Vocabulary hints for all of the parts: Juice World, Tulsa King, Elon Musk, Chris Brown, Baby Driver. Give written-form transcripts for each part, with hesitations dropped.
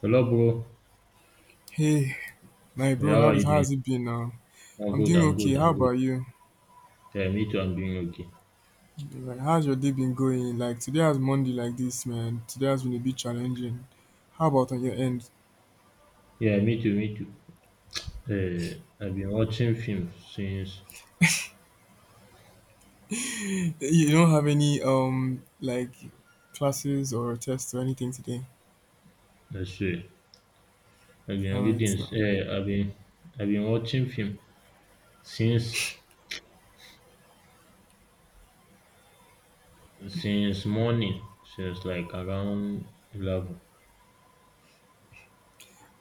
Hello, bro. Hey, my Yeah, bro, how how are is you doing? how's it been now? I'm I'm good. doing I'm okay. good. How I'm about good. you? Yeah, me too. I'm doing okay. Like, how's your day been going? Like today has Monday like this, man. Today has been a bit challenging. How about on your end? Yeah, me too. Me too. I've been watching films since You don't have any like classes or tests or anything today. let's see. I've All been reading. right now. Uh, I've been I've been watching film since since morning. Since like around 11.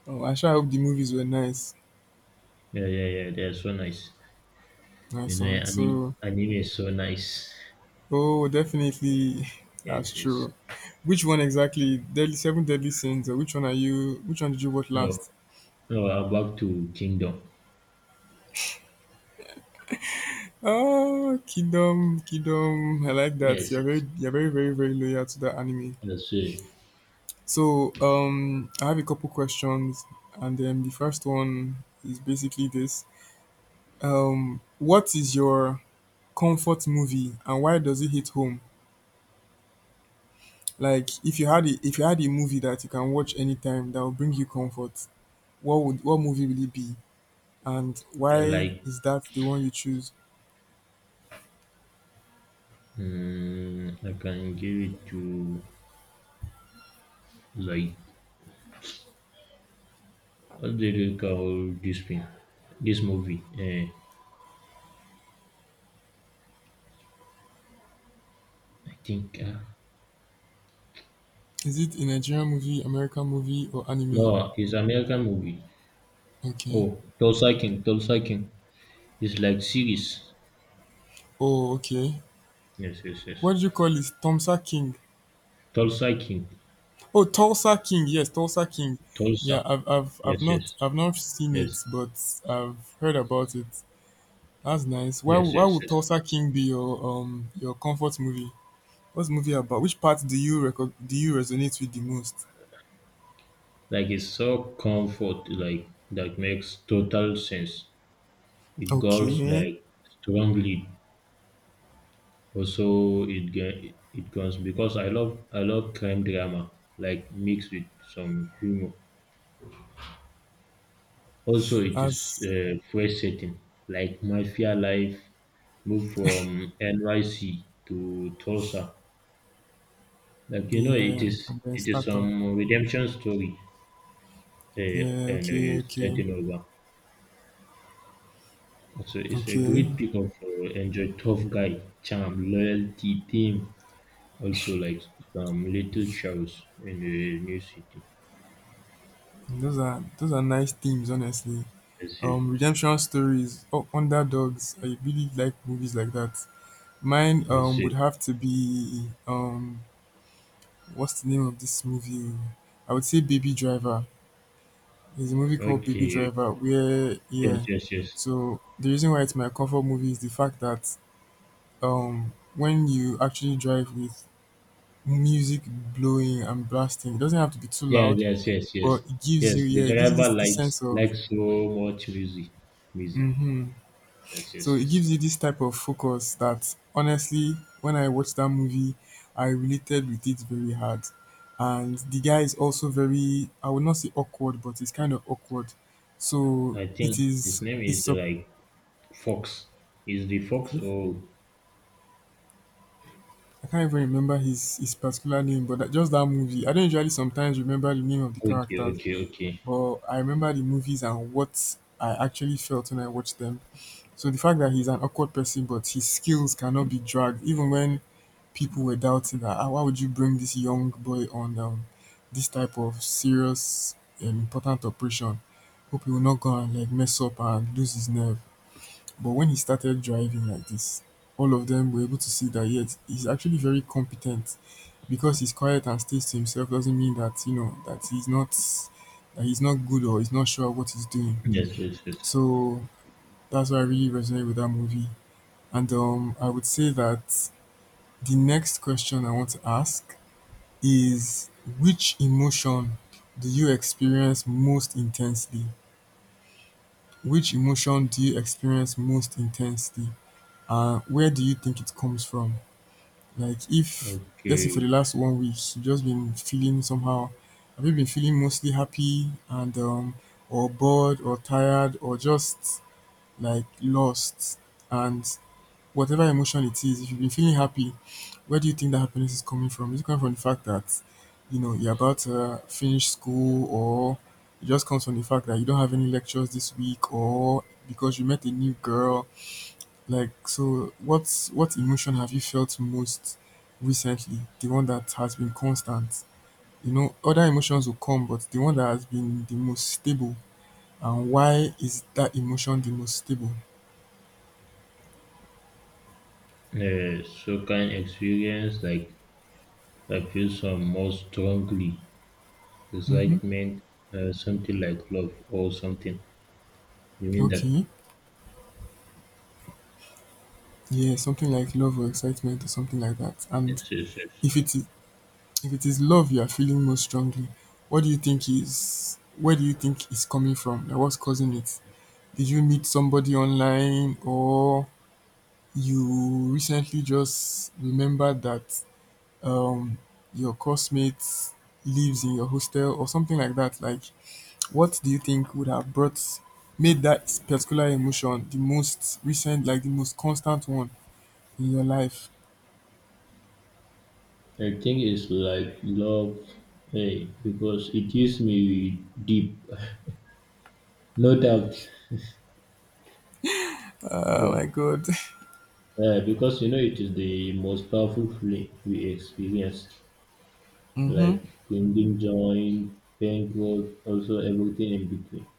Oh, I sure hope the movies were nice. Yeah, yeah, yeah. They're so nice. You Nice know, one. anime So, anime is so nice. oh, definitely, Yes, that's yes. true. Which one exactly? Deadly Seven Deadly Sins. Or which one are you? Which one did you watch No, last? no. I'm back to Kingdom. Oh, Kingdom, Kingdom. I like that. Yes, yes. You're very, very, very loyal to that anime. Let's see. So, I have a couple questions, and then the first one is basically this: What is your comfort movie, and why does it hit home? Like, if you had a movie that you can watch anytime that will bring you comfort, what movie will it be, and Uh, why Like is that the one you choose? I can give it to like what did you call this film? This movie? I think Is it a Nigerian movie, American movie, or anime? no, it's American movie. Okay. Oh, Tulsa King, Tulsa King. It's like series. Oh, okay. Yes, yes, yes. What do you call it? Tulsa King. Tulsa King, Oh, Tulsa King. Yes, Tulsa King. Tulsa. Yeah, Yes, yes, I've not seen it, yes, but I've heard about it. That's nice. Why yes, why yes, would yes. Tulsa King be your comfort movie? What's the movie about? Which part do you resonate with the most? Like it's so comfort, like that makes total sense. It goes Okay. like strongly. Also, it comes because I love crime drama like mixed with some humor. Also, it is That's fresh setting like mafia life. Move from NYC to Tulsa. Like you know, it yeah, is and then it is startup. some redemption story uh, Yeah, and uh, okay, okay. starting over. So it's a Okay. great pick up for enjoy tough guy charm loyalty theme. Also like some little shows in the new city. Those are nice themes, honestly. Let's see. Redemption stories, oh, underdogs. I really like movies like that. Mine I would see. have to be what's the name of this movie? I would say Baby Driver. There's a movie Okay, called Baby okay. Driver where Yes, yeah. yes, yes. So the reason why it's my comfort movie is the fact that when you actually drive with music blowing and blasting, it doesn't have to be too Yeah, loud, yes, yes, yes. but it gives you Yes, the yeah, it gives you driver this likes sense of likes so much music. Music. mm-hmm, Yes, so yes, it yes. gives you this type of focus that honestly, when I watched that movie, I related with it very hard. And the guy is also very, I would not say awkward, but it's kind of awkward. So I it think his is, name it's, is like Fox. Is the Fox I or can't even remember his particular name, but that, just that movie. I don't usually sometimes remember the name of the okay, characters, okay, okay. but I remember the movies and what I actually felt when I watched them. So the fact that he's an awkward person, but his skills cannot be dragged, even when people were doubting that "Ah, why would you bring this young boy on this type of serious, important operation, hope he will not go and like mess up and lose his nerve. But when he started driving like this, all of them were able to see that yet he's actually very competent, because he's quiet and stays to himself doesn't mean that you know that he's not, good or he's not sure what he's doing. Yes, yes, yes. So that's why I really resonate with that movie, and I would say that the next question I want to ask is, which emotion do you experience most intensely? Which emotion do you experience most intensely? And where do you think it comes from? Like, if, let's say, for Okay. the last 1 week, you've just been feeling somehow, have you been feeling mostly happy and, or bored or tired or just like lost? And whatever emotion it is, if you've been feeling happy, where do you think that happiness is coming from? Is it coming from the fact that, you know, you're about to finish school, or it just comes from the fact that you don't have any lectures this week, or because you met a new girl? Like so what emotion have you felt most recently? The one that has been constant. You know, other emotions will come, but the one that has been the most stable, and why is that emotion the most stable? So can experience like I feel some more strongly Mm-hmm. excitement, something like love or something. You mean that? Okay. Yeah, something like love or excitement or something like that. And Yes, yes, yes. if it is if it is love you are feeling most strongly, what do you think is where do you think is coming from? Like what's causing it? Did you meet somebody online, or you recently just remembered that um your classmate lives in your hostel or something like that? Like what do you think would have brought made that particular emotion the most recent, like the most constant one in your life? I think it's like love, hey, because it hits me deep, no doubt. Oh my But, god. Because you know it is the most powerful feeling we experience, Mm-hmm. like bringing joy, pain, growth, also everything in between.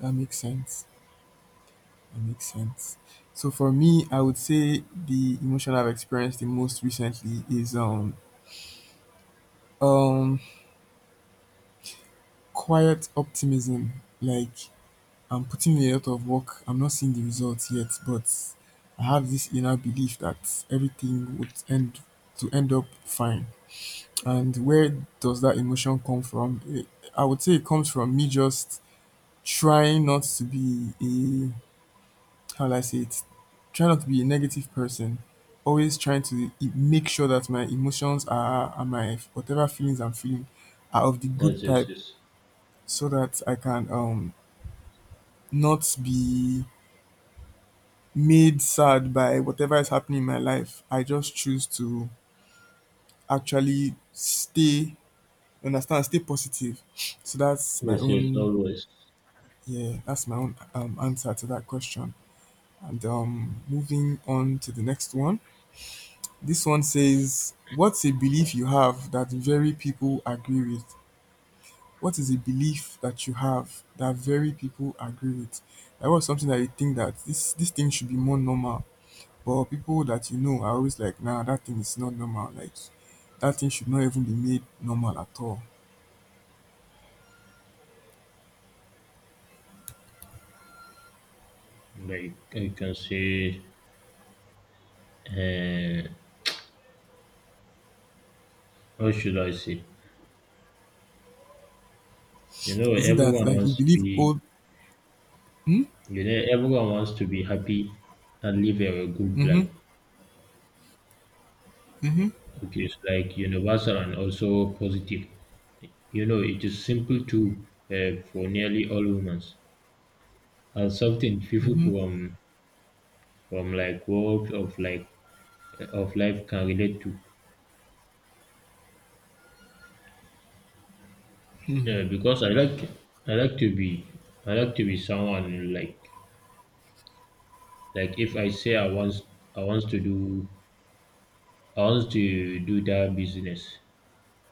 That makes sense. That makes sense. So for me, I would say the emotion I've experienced the most recently is um quiet optimism. Like I'm putting in a lot of work. I'm not seeing the results yet, but I have this inner belief that everything would end to end up fine. And where does that emotion come from? It, I would say it comes from me just trying not to be a, how will I say it? Try not to be a negative person. Always trying to make sure that my emotions are, and my whatever feelings I'm feeling are of the good Yes, yes, type, yes, so that I can not be made sad by whatever is happening in my life. I just choose to actually stay understand, stay positive. So that's my yes, yes, own always. yeah, that's my own answer to that question. And moving on to the next one. This one says, what's a belief you have that very people agree with? What is a belief that you have that very people agree with? That was something that you think that this thing should be more normal. But people that you know are always like, nah, that thing is not normal. Like that thing should not even be made normal at all. Like I can say, uh, what should I say? You know, Is it that everyone like you wants to believe be, old, hmm? you know, everyone wants to be happy and live a good Mm-hmm. life, Mm-hmm. which is like universal and also positive. You know, it is simple too for nearly all women, and something people Mm-hmm. From like walks of like of life can relate to. Yeah, because I like to be I like to be someone like if I say I want to do I want to do that business,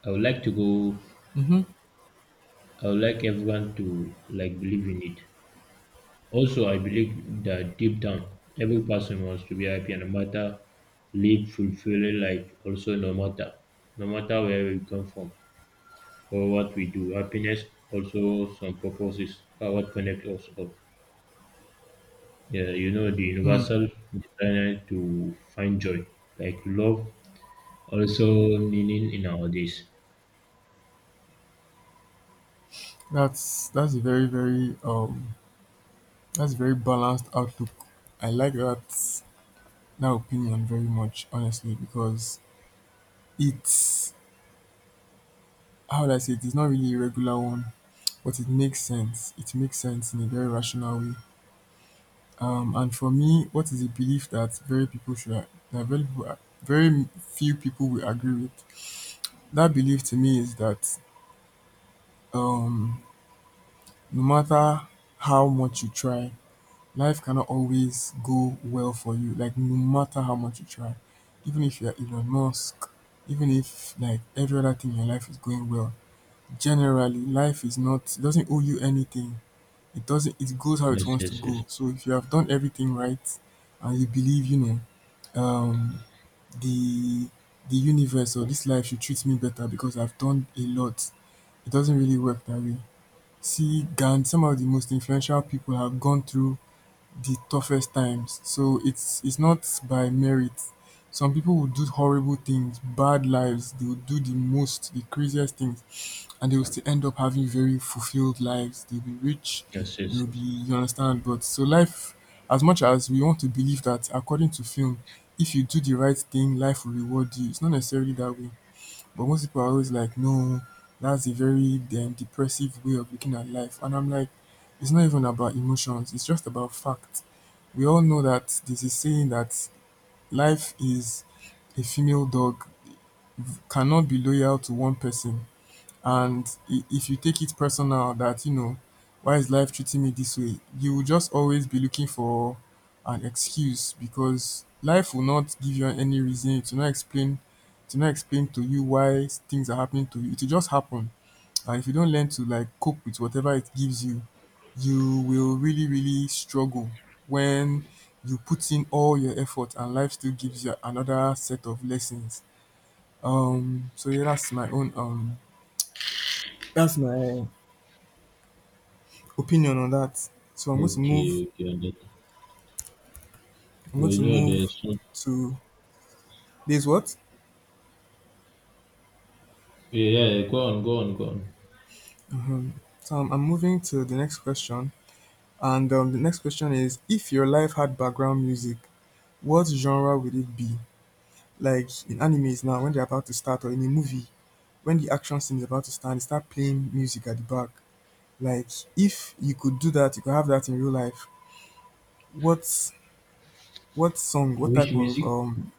I would like to go. Mm-hmm. I would like everyone to like believe in it. Also, I believe that deep down, every person wants to be happy and no matter live fulfilling life, also no matter where we come from or what we do. Happiness also some purposes are what connect us all. Yeah, you know the Hmm. universal desire to find joy, like love, also meaning in our days. That's that's a very, very um that's a very balanced outlook. I like that that opinion very much, honestly, because it's, how would I say it? It's not really a regular one, but it makes sense. It makes sense in a very rational way. And for me, what is a belief that very people should a- that very few people will agree with? That belief to me is that um, no matter how much you try, life cannot always go well for you. Like no matter how much you try, even if you're Elon Musk, even if like every other thing in your life is going well, generally life is not, it doesn't owe you anything, it doesn't it goes how it Yes, wants to yes, yes, go. So if you have done everything right and you believe, you know, um the universe or this life should treat me better because I've done a lot, it doesn't really work that way. See gan, some of the most influential people have gone through the toughest times, so it's not by merit. Some people will do horrible things, bad lives, they will do the craziest things, and they will still end up having very fulfilled lives. They'll be rich, yes, yes, they'll be, yes. you understand? But so life, as much as we want to believe that, according to film, if you do the right thing, life will reward you. It's not necessarily that way. But most people are always like, no, that's a very, depressive way of looking at life. And I'm like, it's not even about emotions, it's just about fact. We all know that this is saying that life is a female dog, cannot be loyal to one person. And if you take it personal that, you know, why is life treating me this way? You will just always be looking for an excuse, because life will not give you any reason to not explain to you why things are happening to you. It will just happen. And if you don't learn to like cope with whatever it gives you, you will really, really struggle when you put in all your effort and life still gives you another set of lessons. So yeah, that's my own, that's my opinion on that. So Okay, okay, on that. I'm Well, going to you know, move there's some. to this, what? Yeah, yeah, go on, go on, go on. Hmm. So I'm moving to the next question, and the next question is: if your life had background music, what genre would it be? Like in animes now, when they're about to start, or in a movie, when the action scene is about to start, they start playing music at the back. Like if you could do that, you could have that in real life. What what song? What Which type of music?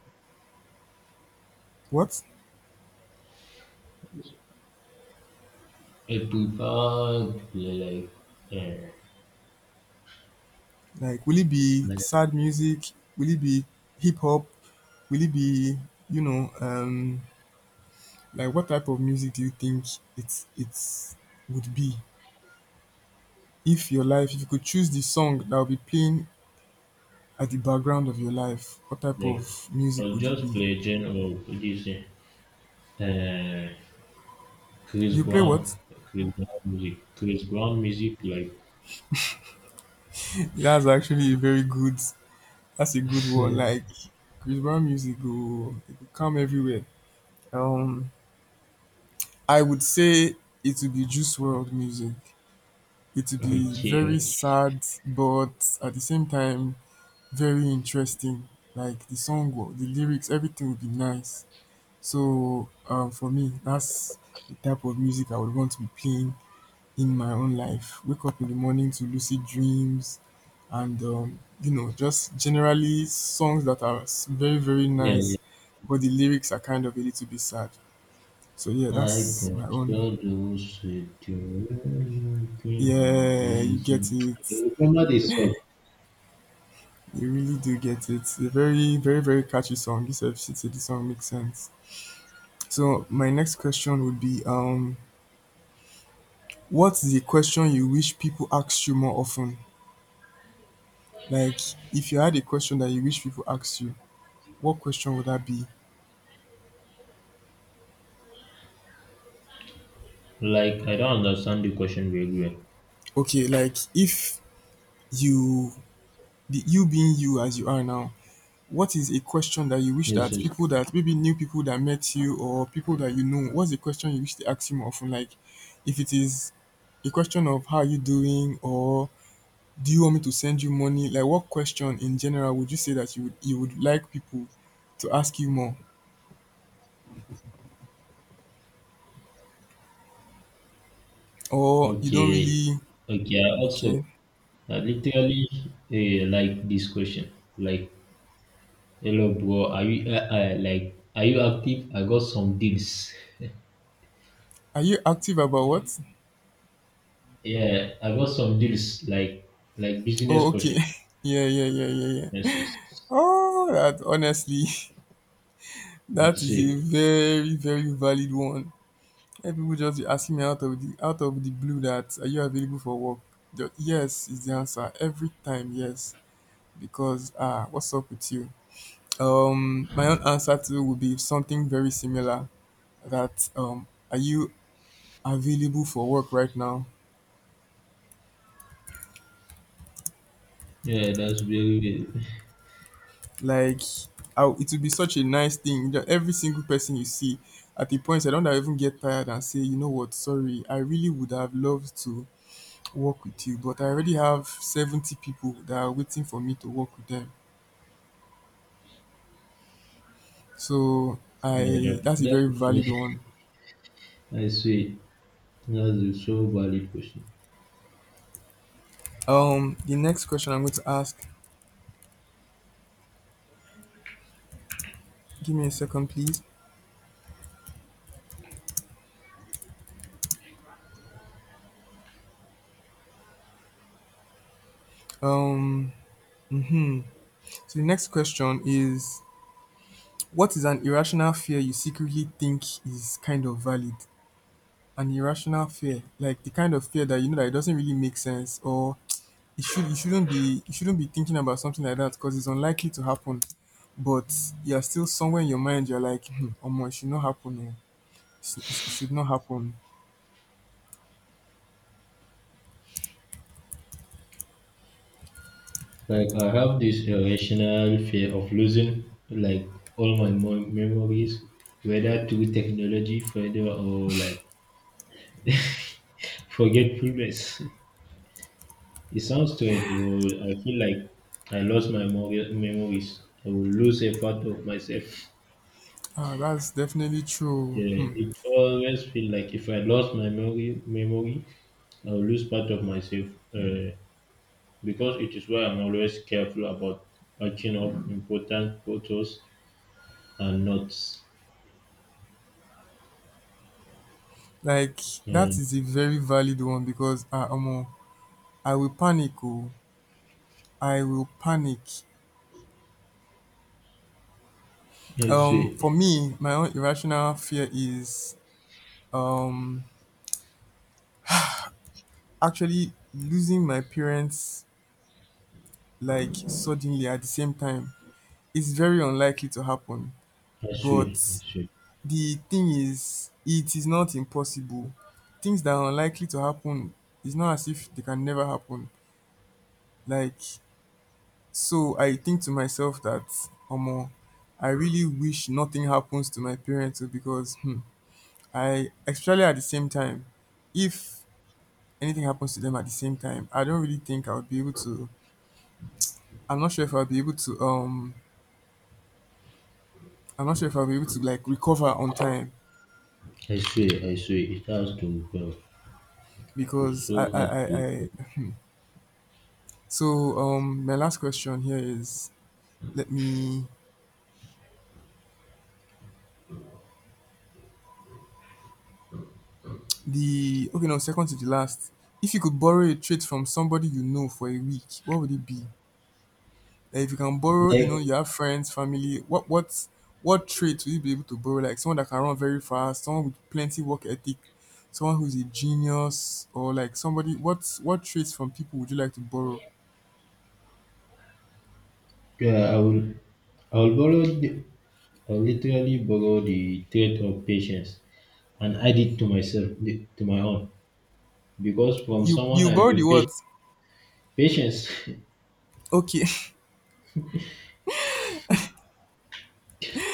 what? I prefer to play like uh, Like, will it be like sad music? Will it be hip hop? Will it be, you know, um, like what type of music do you think it's would be if your life, if you could choose the song that will be playing at the background of your life, what type like of music I'll would it just be? play general this Chris You play what? Brown like Chris Brown music like That's actually a very good. That's a good one. Like Chris Brown music go, it go come everywhere. Um, I would say it would be Juice World music. It will okay, be very okay, sad, but at the same time, very interesting. Like the song, the lyrics, everything will be nice. So for me, that's the type of music I would want to be playing in my own life. Wake up in the morning to lucid dreams, and just generally songs that are very, very yeah, yeah. nice, but the lyrics are kind of a little bit sad. So yeah, I that's can my own. still do sitting Yeah, you music. get it. I remember this song You really do get it. A very, very, very catchy song. You said this song makes sense. So my next question would be, what's the question you wish people asked you more often? Like, if you had a question that you wish people asked you, what question would that be? like I don't understand the question very well. Okay, like if you, the you being you as you are now, what is a question that you wish Yes, that yes, people that maybe new people that met you or people that you know, what's the question you wish they ask you more often? Like, if it is a question of how are you doing or do you want me to send you money, like what question in general would you say that you would like people to ask you more, or you don't okay, really, okay. I also okay? I literally eh, like this question. Like, hello, bro. Are you like are you active? I got some deals. Are you active about what? Yeah, I got some deals. Like business Oh, okay. question. Yeah, yeah, yeah, yeah, yeah. Yes, yes, yes. Oh, that honestly, that That's is a it. very, very valid one. Let people just be asking me out of the blue that are you available for work. Yes is the answer every time, yes, because ah, what's up with you? Um, my own answer too would be something very similar, that um, are you available for work right now? Yeah, that's very good. Like, how it would be such a nice thing that every single person you see, at the point I don't even get tired and say, you know what, sorry, I really would have loved to work with you, but I already have 70 people that are waiting for me to work with them, so Yeah, I, that, that's a that very question. valid one. I see. That's a so valid question. Um, the next question I'm going to ask, give me a second please. Um, mhm. So the next question is: What is an irrational fear you secretly think is kind of valid? An irrational fear, like the kind of fear that you know that it doesn't really make sense, or it should you shouldn't be thinking about something like that because it's unlikely to happen. But you're still somewhere in your mind. You're like, hmm, oh, it should not happen. Oh. It should not happen. Like I have this irrational fear of losing like all my memories, whether through technology, further or like forgetfulness. It sounds strange, but I feel like I lost my memories. I will lose a part of myself. Ah, that's definitely true. Yeah, Hmm. it always feel like if I lost my memory, I will lose part of myself. Uh, because it is why I'm always careful about patching up important photos and notes. Like that And is a very valid one because ah, I will panic. Oh, I will panic. I swear, For me, my own irrational fear is um, actually losing my parents, like suddenly at the same time. It's very unlikely to happen, I swear, I but swear, the thing is, it is not impossible. Things that are unlikely to happen, it's not as if they can never happen. Like so, I think to myself that omo, I really wish nothing happens to my parents oh, because hmm, I especially at the same time, if anything happens to them at the same time, I don't really think I would be able to. I'm not sure if I'll be able to. I'm not sure if I'll be able to like recover on time I swear, I swear, it has to go. It's because I, so I, hard I, to. I so my last question here is: Let me the okay, no, second to the last. If you could borrow a trait from somebody you know for a week, what would it be? Like if you can borrow, you know, Like you have friends, family, what trait will you be able to borrow? Like someone that can run very fast, someone with plenty work ethic, someone who's a genius, or like somebody, what traits from people would you like to borrow? yeah, I will borrow, the, I will literally borrow the trait of patience and add it to myself, to my own. Because from You someone you I borrow the know, patience, words. patience Okay.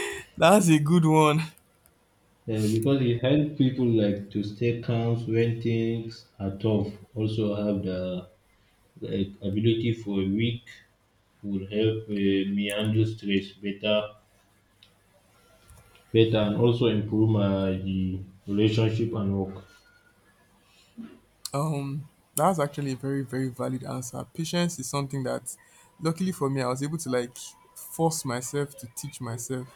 That's a good one. Because it helps people like to stay calm when things are tough. Also have the like, ability for a week will help me handle stress better, better, and also improve my the relationship and work. Um, that's actually a very, very valid answer. Patience is something that luckily for me I was able to like force myself to teach myself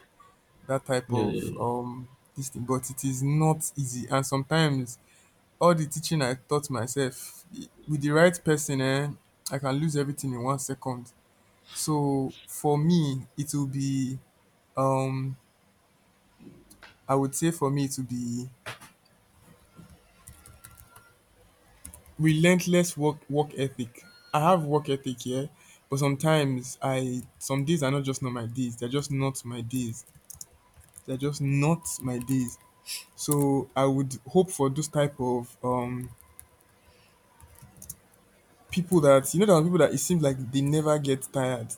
that type Yeah, of yeah, um, this thing, but it is not easy, and sometimes all the teaching I taught myself with the right person eh, I can lose everything in 1 second. So for me it will be um I would say for me it will be relentless work ethic. I have work ethic, yeah, but sometimes I, some days are not just not my days, they're just not my days. So I would hope for those type of um, people that you know, there are people that it seems like they never get tired.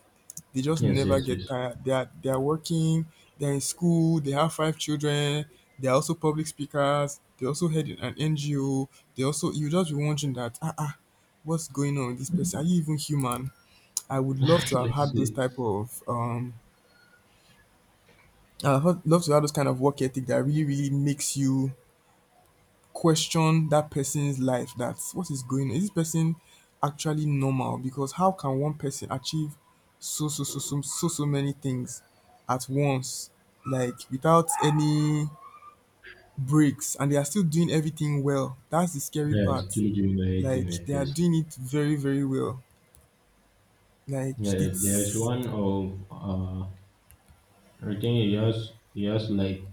They just yeah, yes, never yes, get yes. tired. They are working, they're in school, they have 5 children, they're also public speakers, they also head an NGO, they also, you just be wondering that ah ah, what's going on with this person? Are you even human? I would love to have Let's had those see. type of um, I would love to have those kind of work ethic that really, really makes you question that person's life, that what is going on? Is this person actually normal? Because how can one person achieve so many things at once, like without any breaks, and they are still doing everything well. That's the scary Yes, part. still during the Like 18th, they are yes. doing it very, very well. Like Yeah, there's it's one of I think he has like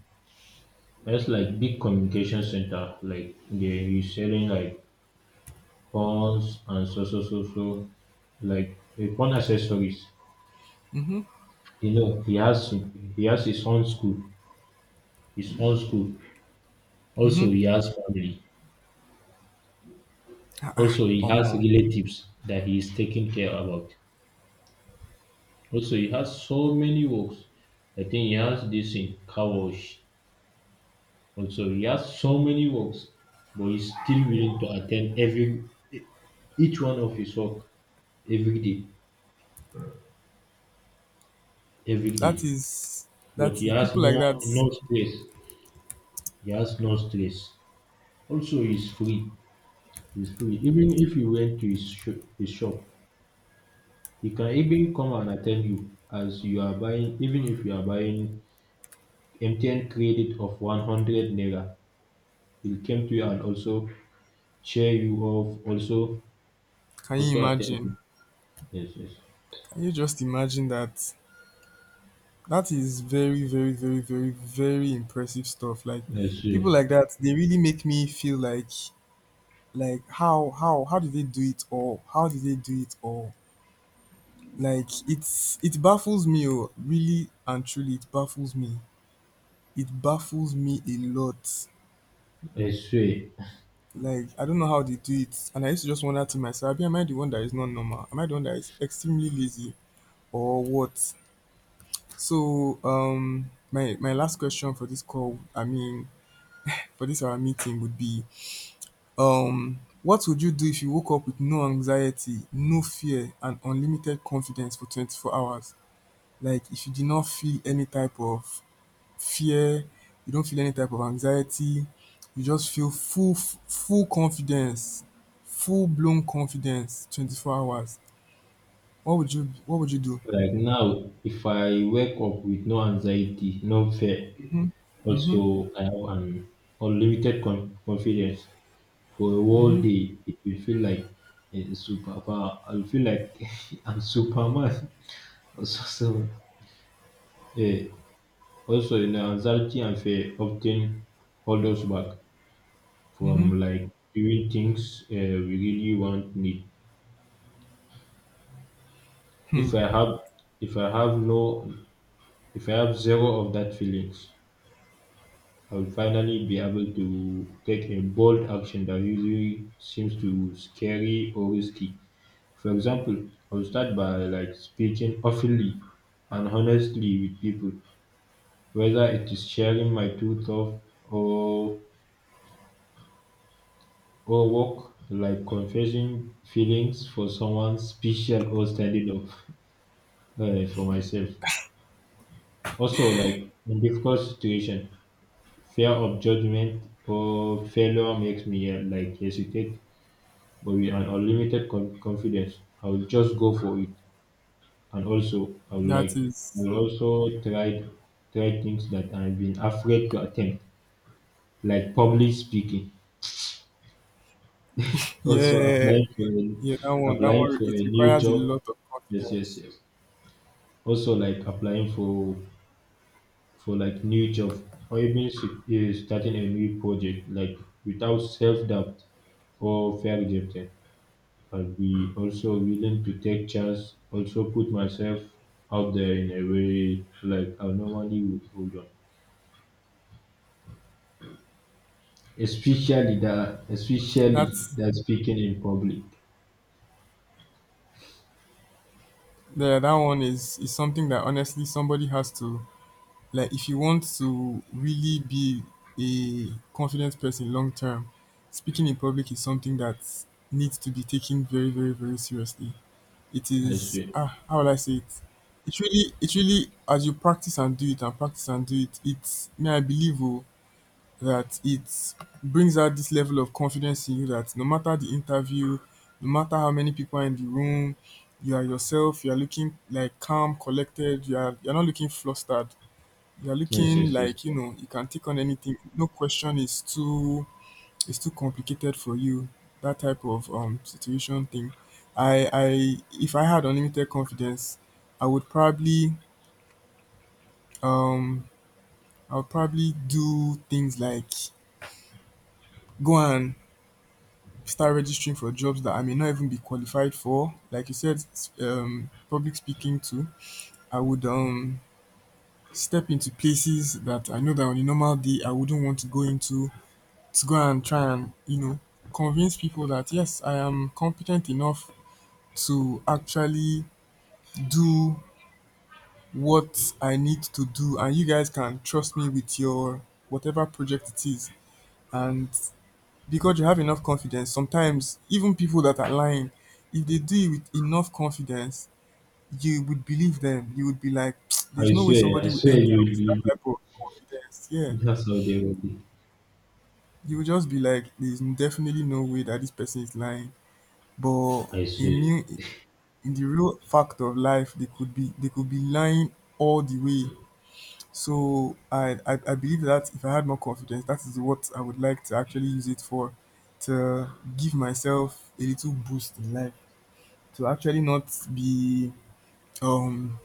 that's like big communication center. Like they he's selling like phones and so so so so like phone accessories. mm-hmm, You know, he has his own school. His own school. mm-hmm. Also he has family. Ah, ah, Also he has omo. relatives that he is taking care about. Also he has so many works. I think he has this in Kawosh. Also, he has so many works, but he's still willing to attend every each one of his work every day, every That day. is But he has people like no that. no stress. He has no stress. Also, he's free. He's free. Even if you went to his shop, he can even come and attend you as you are buying. Even if you are buying MTN credit of 100 naira, he'll come to you and also cheer you off. Also, Can you also attend you. imagine? Yes, yes, Can you just imagine that? That is very, very, very, very, very impressive stuff. Like yes, people yes. like that, they really make me feel like, how did they do it all? How did they do it all? Like it's, it baffles me, oh, really and truly, it baffles me. It baffles me a lot. I swear, Like I don't know how they do it, and I used to just wonder to myself, "Abi, am I the one that is not normal? Am I the one that is extremely lazy, or what?" So my my last question for this call, I mean, for this our meeting would be um, what would you do if you woke up with no anxiety, no fear, and unlimited confidence for 24 hours? Like if you did not feel any type of fear, you don't feel any type of anxiety, you just feel full confidence, full blown confidence, 24 hours, what would you, what would you do? like now, if I wake up with no anxiety, no fear, also I have an confidence for a whole day, it will feel like a superpower. I'll feel like I'm Superman. Also, so, eh, also, you know, anxiety and fear often hold us back from Mm-hmm. like doing things we really want need. If I have, if I have no, if I have zero of that feelings, I will finally be able to take a bold action that usually seems too scary or risky. For example, I will start by like speaking openly and honestly with people, whether it is sharing my truth of or work like confessing feelings for someone special or standing up for myself. Also, like in difficult situation, fear of judgment or failure makes me like hesitate. But with an confidence, I will just go for it. And also, I will like, That I is, will also try try things that I've been afraid to attempt, like public speaking. Also yeah, yeah, that one, applying for it a new requires a job. lot of Yes, yes, confidence. yes. Also like applying for like new job or even starting a new project like without self doubt or fair rejected. I'll be also willing to take chance, also put myself out there in a way like I normally would hold on. Especially that especially That's, that speaking in public. yeah, that one is something that honestly somebody has to, like if you want to really be a confident person long term, speaking in public is something that needs to be taken very, very, very seriously. It I is swear. ah, how will I say it? It really, it really, as you practice and do it and practice and do it, it's may I believe oh, that it brings out this level of confidence in you that no matter the interview, no matter how many people are in the room, you are yourself, you are looking like calm, collected, you are you're not looking flustered. You are Yes, looking yes, yes, like, you yes. know, you can take on anything. No question is too complicated for you. That type of um, situation thing. I If I had unlimited confidence, I would probably um I would probably do things like go and start registering for jobs that I may not even be qualified for. Like you said, public speaking too. I would step into places that I know that on a normal day I wouldn't want to go into, to go and try and, you know, convince people that yes, I am competent enough to actually do what I need to do, and you guys can trust me with your whatever project it is. And because you have enough confidence, sometimes even people that are lying, if they do it with enough confidence, you would believe them. You would be like, there's no way I somebody will swear enter you will with that you, you- type of confidence, yeah, that's how they will be. you would just be like, there's definitely no way that this person is lying, but I in swear. me, in the real fact of life, they could be, lying all the way. So I believe that if I had more confidence, that is what I would like to actually use it for, to give myself a little boost in life, to actually not be um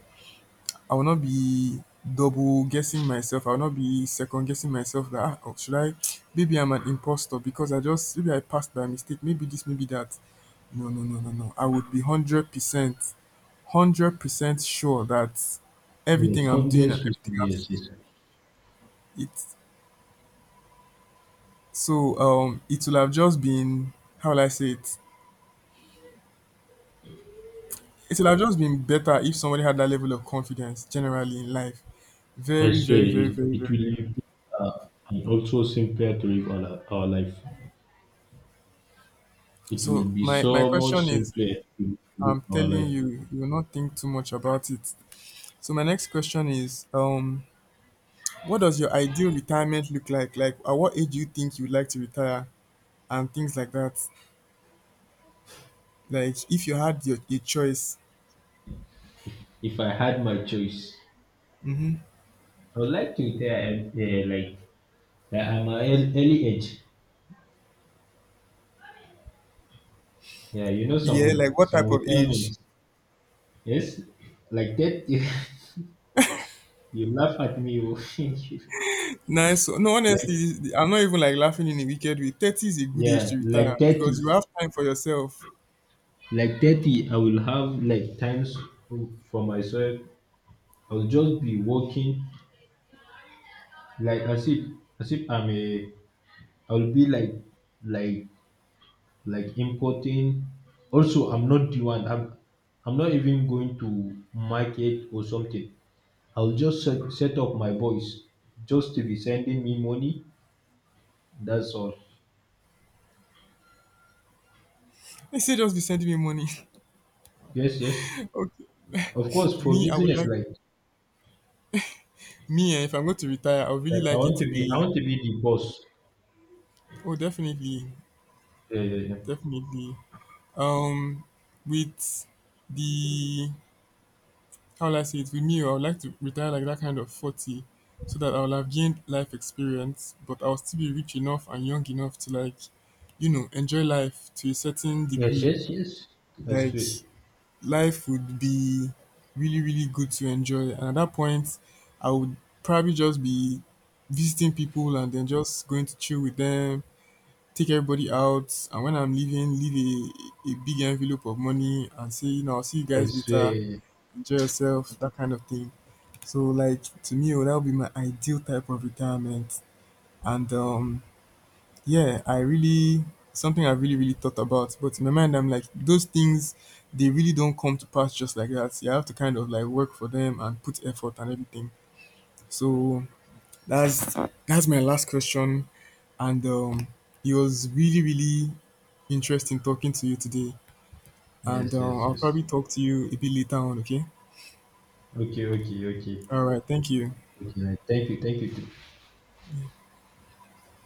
I will not be double guessing myself. I will not be second guessing myself that "Ah, oh, should I, maybe I'm an imposter because I just maybe I passed by mistake, maybe this, maybe that. No, no, no, no, no. I would be 100% sure that Yes, everything I'm doing hundreds and of everything I'm yes, saying yes. it, so um, it will have just been, how will I say it? It will have just been better if somebody had that level of confidence generally in life. I Very, swear very, very, it, very, it very, will be uh, and also simpler to live our life. It will So be my so much question is, simpler to live I'm our telling life. you, you will not think too much about it. So my next question is, what does your ideal retirement look like? Like, at what age do you think you would like to retire, and things like that? Like, if you had your a choice, If I had my choice, I would like to retire like at my early age. Yeah, you know some yeah, like with what some type of age? retirement. Yes, like that. You laugh at me. Oh. Nice. So, no, Like honestly, I'm not even like laughing in a wicked way. 30 is a good age yeah, to like retire 30, because you have time for yourself. like 30. I will have like times for myself. I will just be working like as if I'm a. I will be like like importing also I'm not the one I'm not even going to market or something. I'll just set up my boys just to be sending me money, that's all. They say just be sending me money. Yes, yes, Okay. of course for Me, I would business like me eh, if I'm going to retire, I would really like i like want it to to be I be. want to be the boss. Oh, definitely. Yeah, yeah, yeah, Definitely. Um, with the, how will I say it? With me, I would like to retire like that kind of 40, so that I will have gained life experience, but I will still be rich enough and young enough to like, you know, enjoy life to a certain yes, degree. yes, yes. I Like swear, life would be really, really good to enjoy. And at that point, I would probably just be visiting people and then just going to chill with them, take everybody out, and when I'm leaving leave a big envelope of money and say, you know, I'll see you I guys later, swear. enjoy yourself, that kind of thing. So like to me oh, that would be my ideal type of retirement, and um, yeah, I really, something I really thought about, but in my mind I'm like, those things, they really don't come to pass just like that. You have to kind of like work for them and put effort and everything. So that's my last question, and it was really, really interesting talking to you today. And Yes, yes, I'll yes. probably talk to you a bit later on, okay? Okay, okay, okay, All right, thank you. okay, right. Thank you, thank you.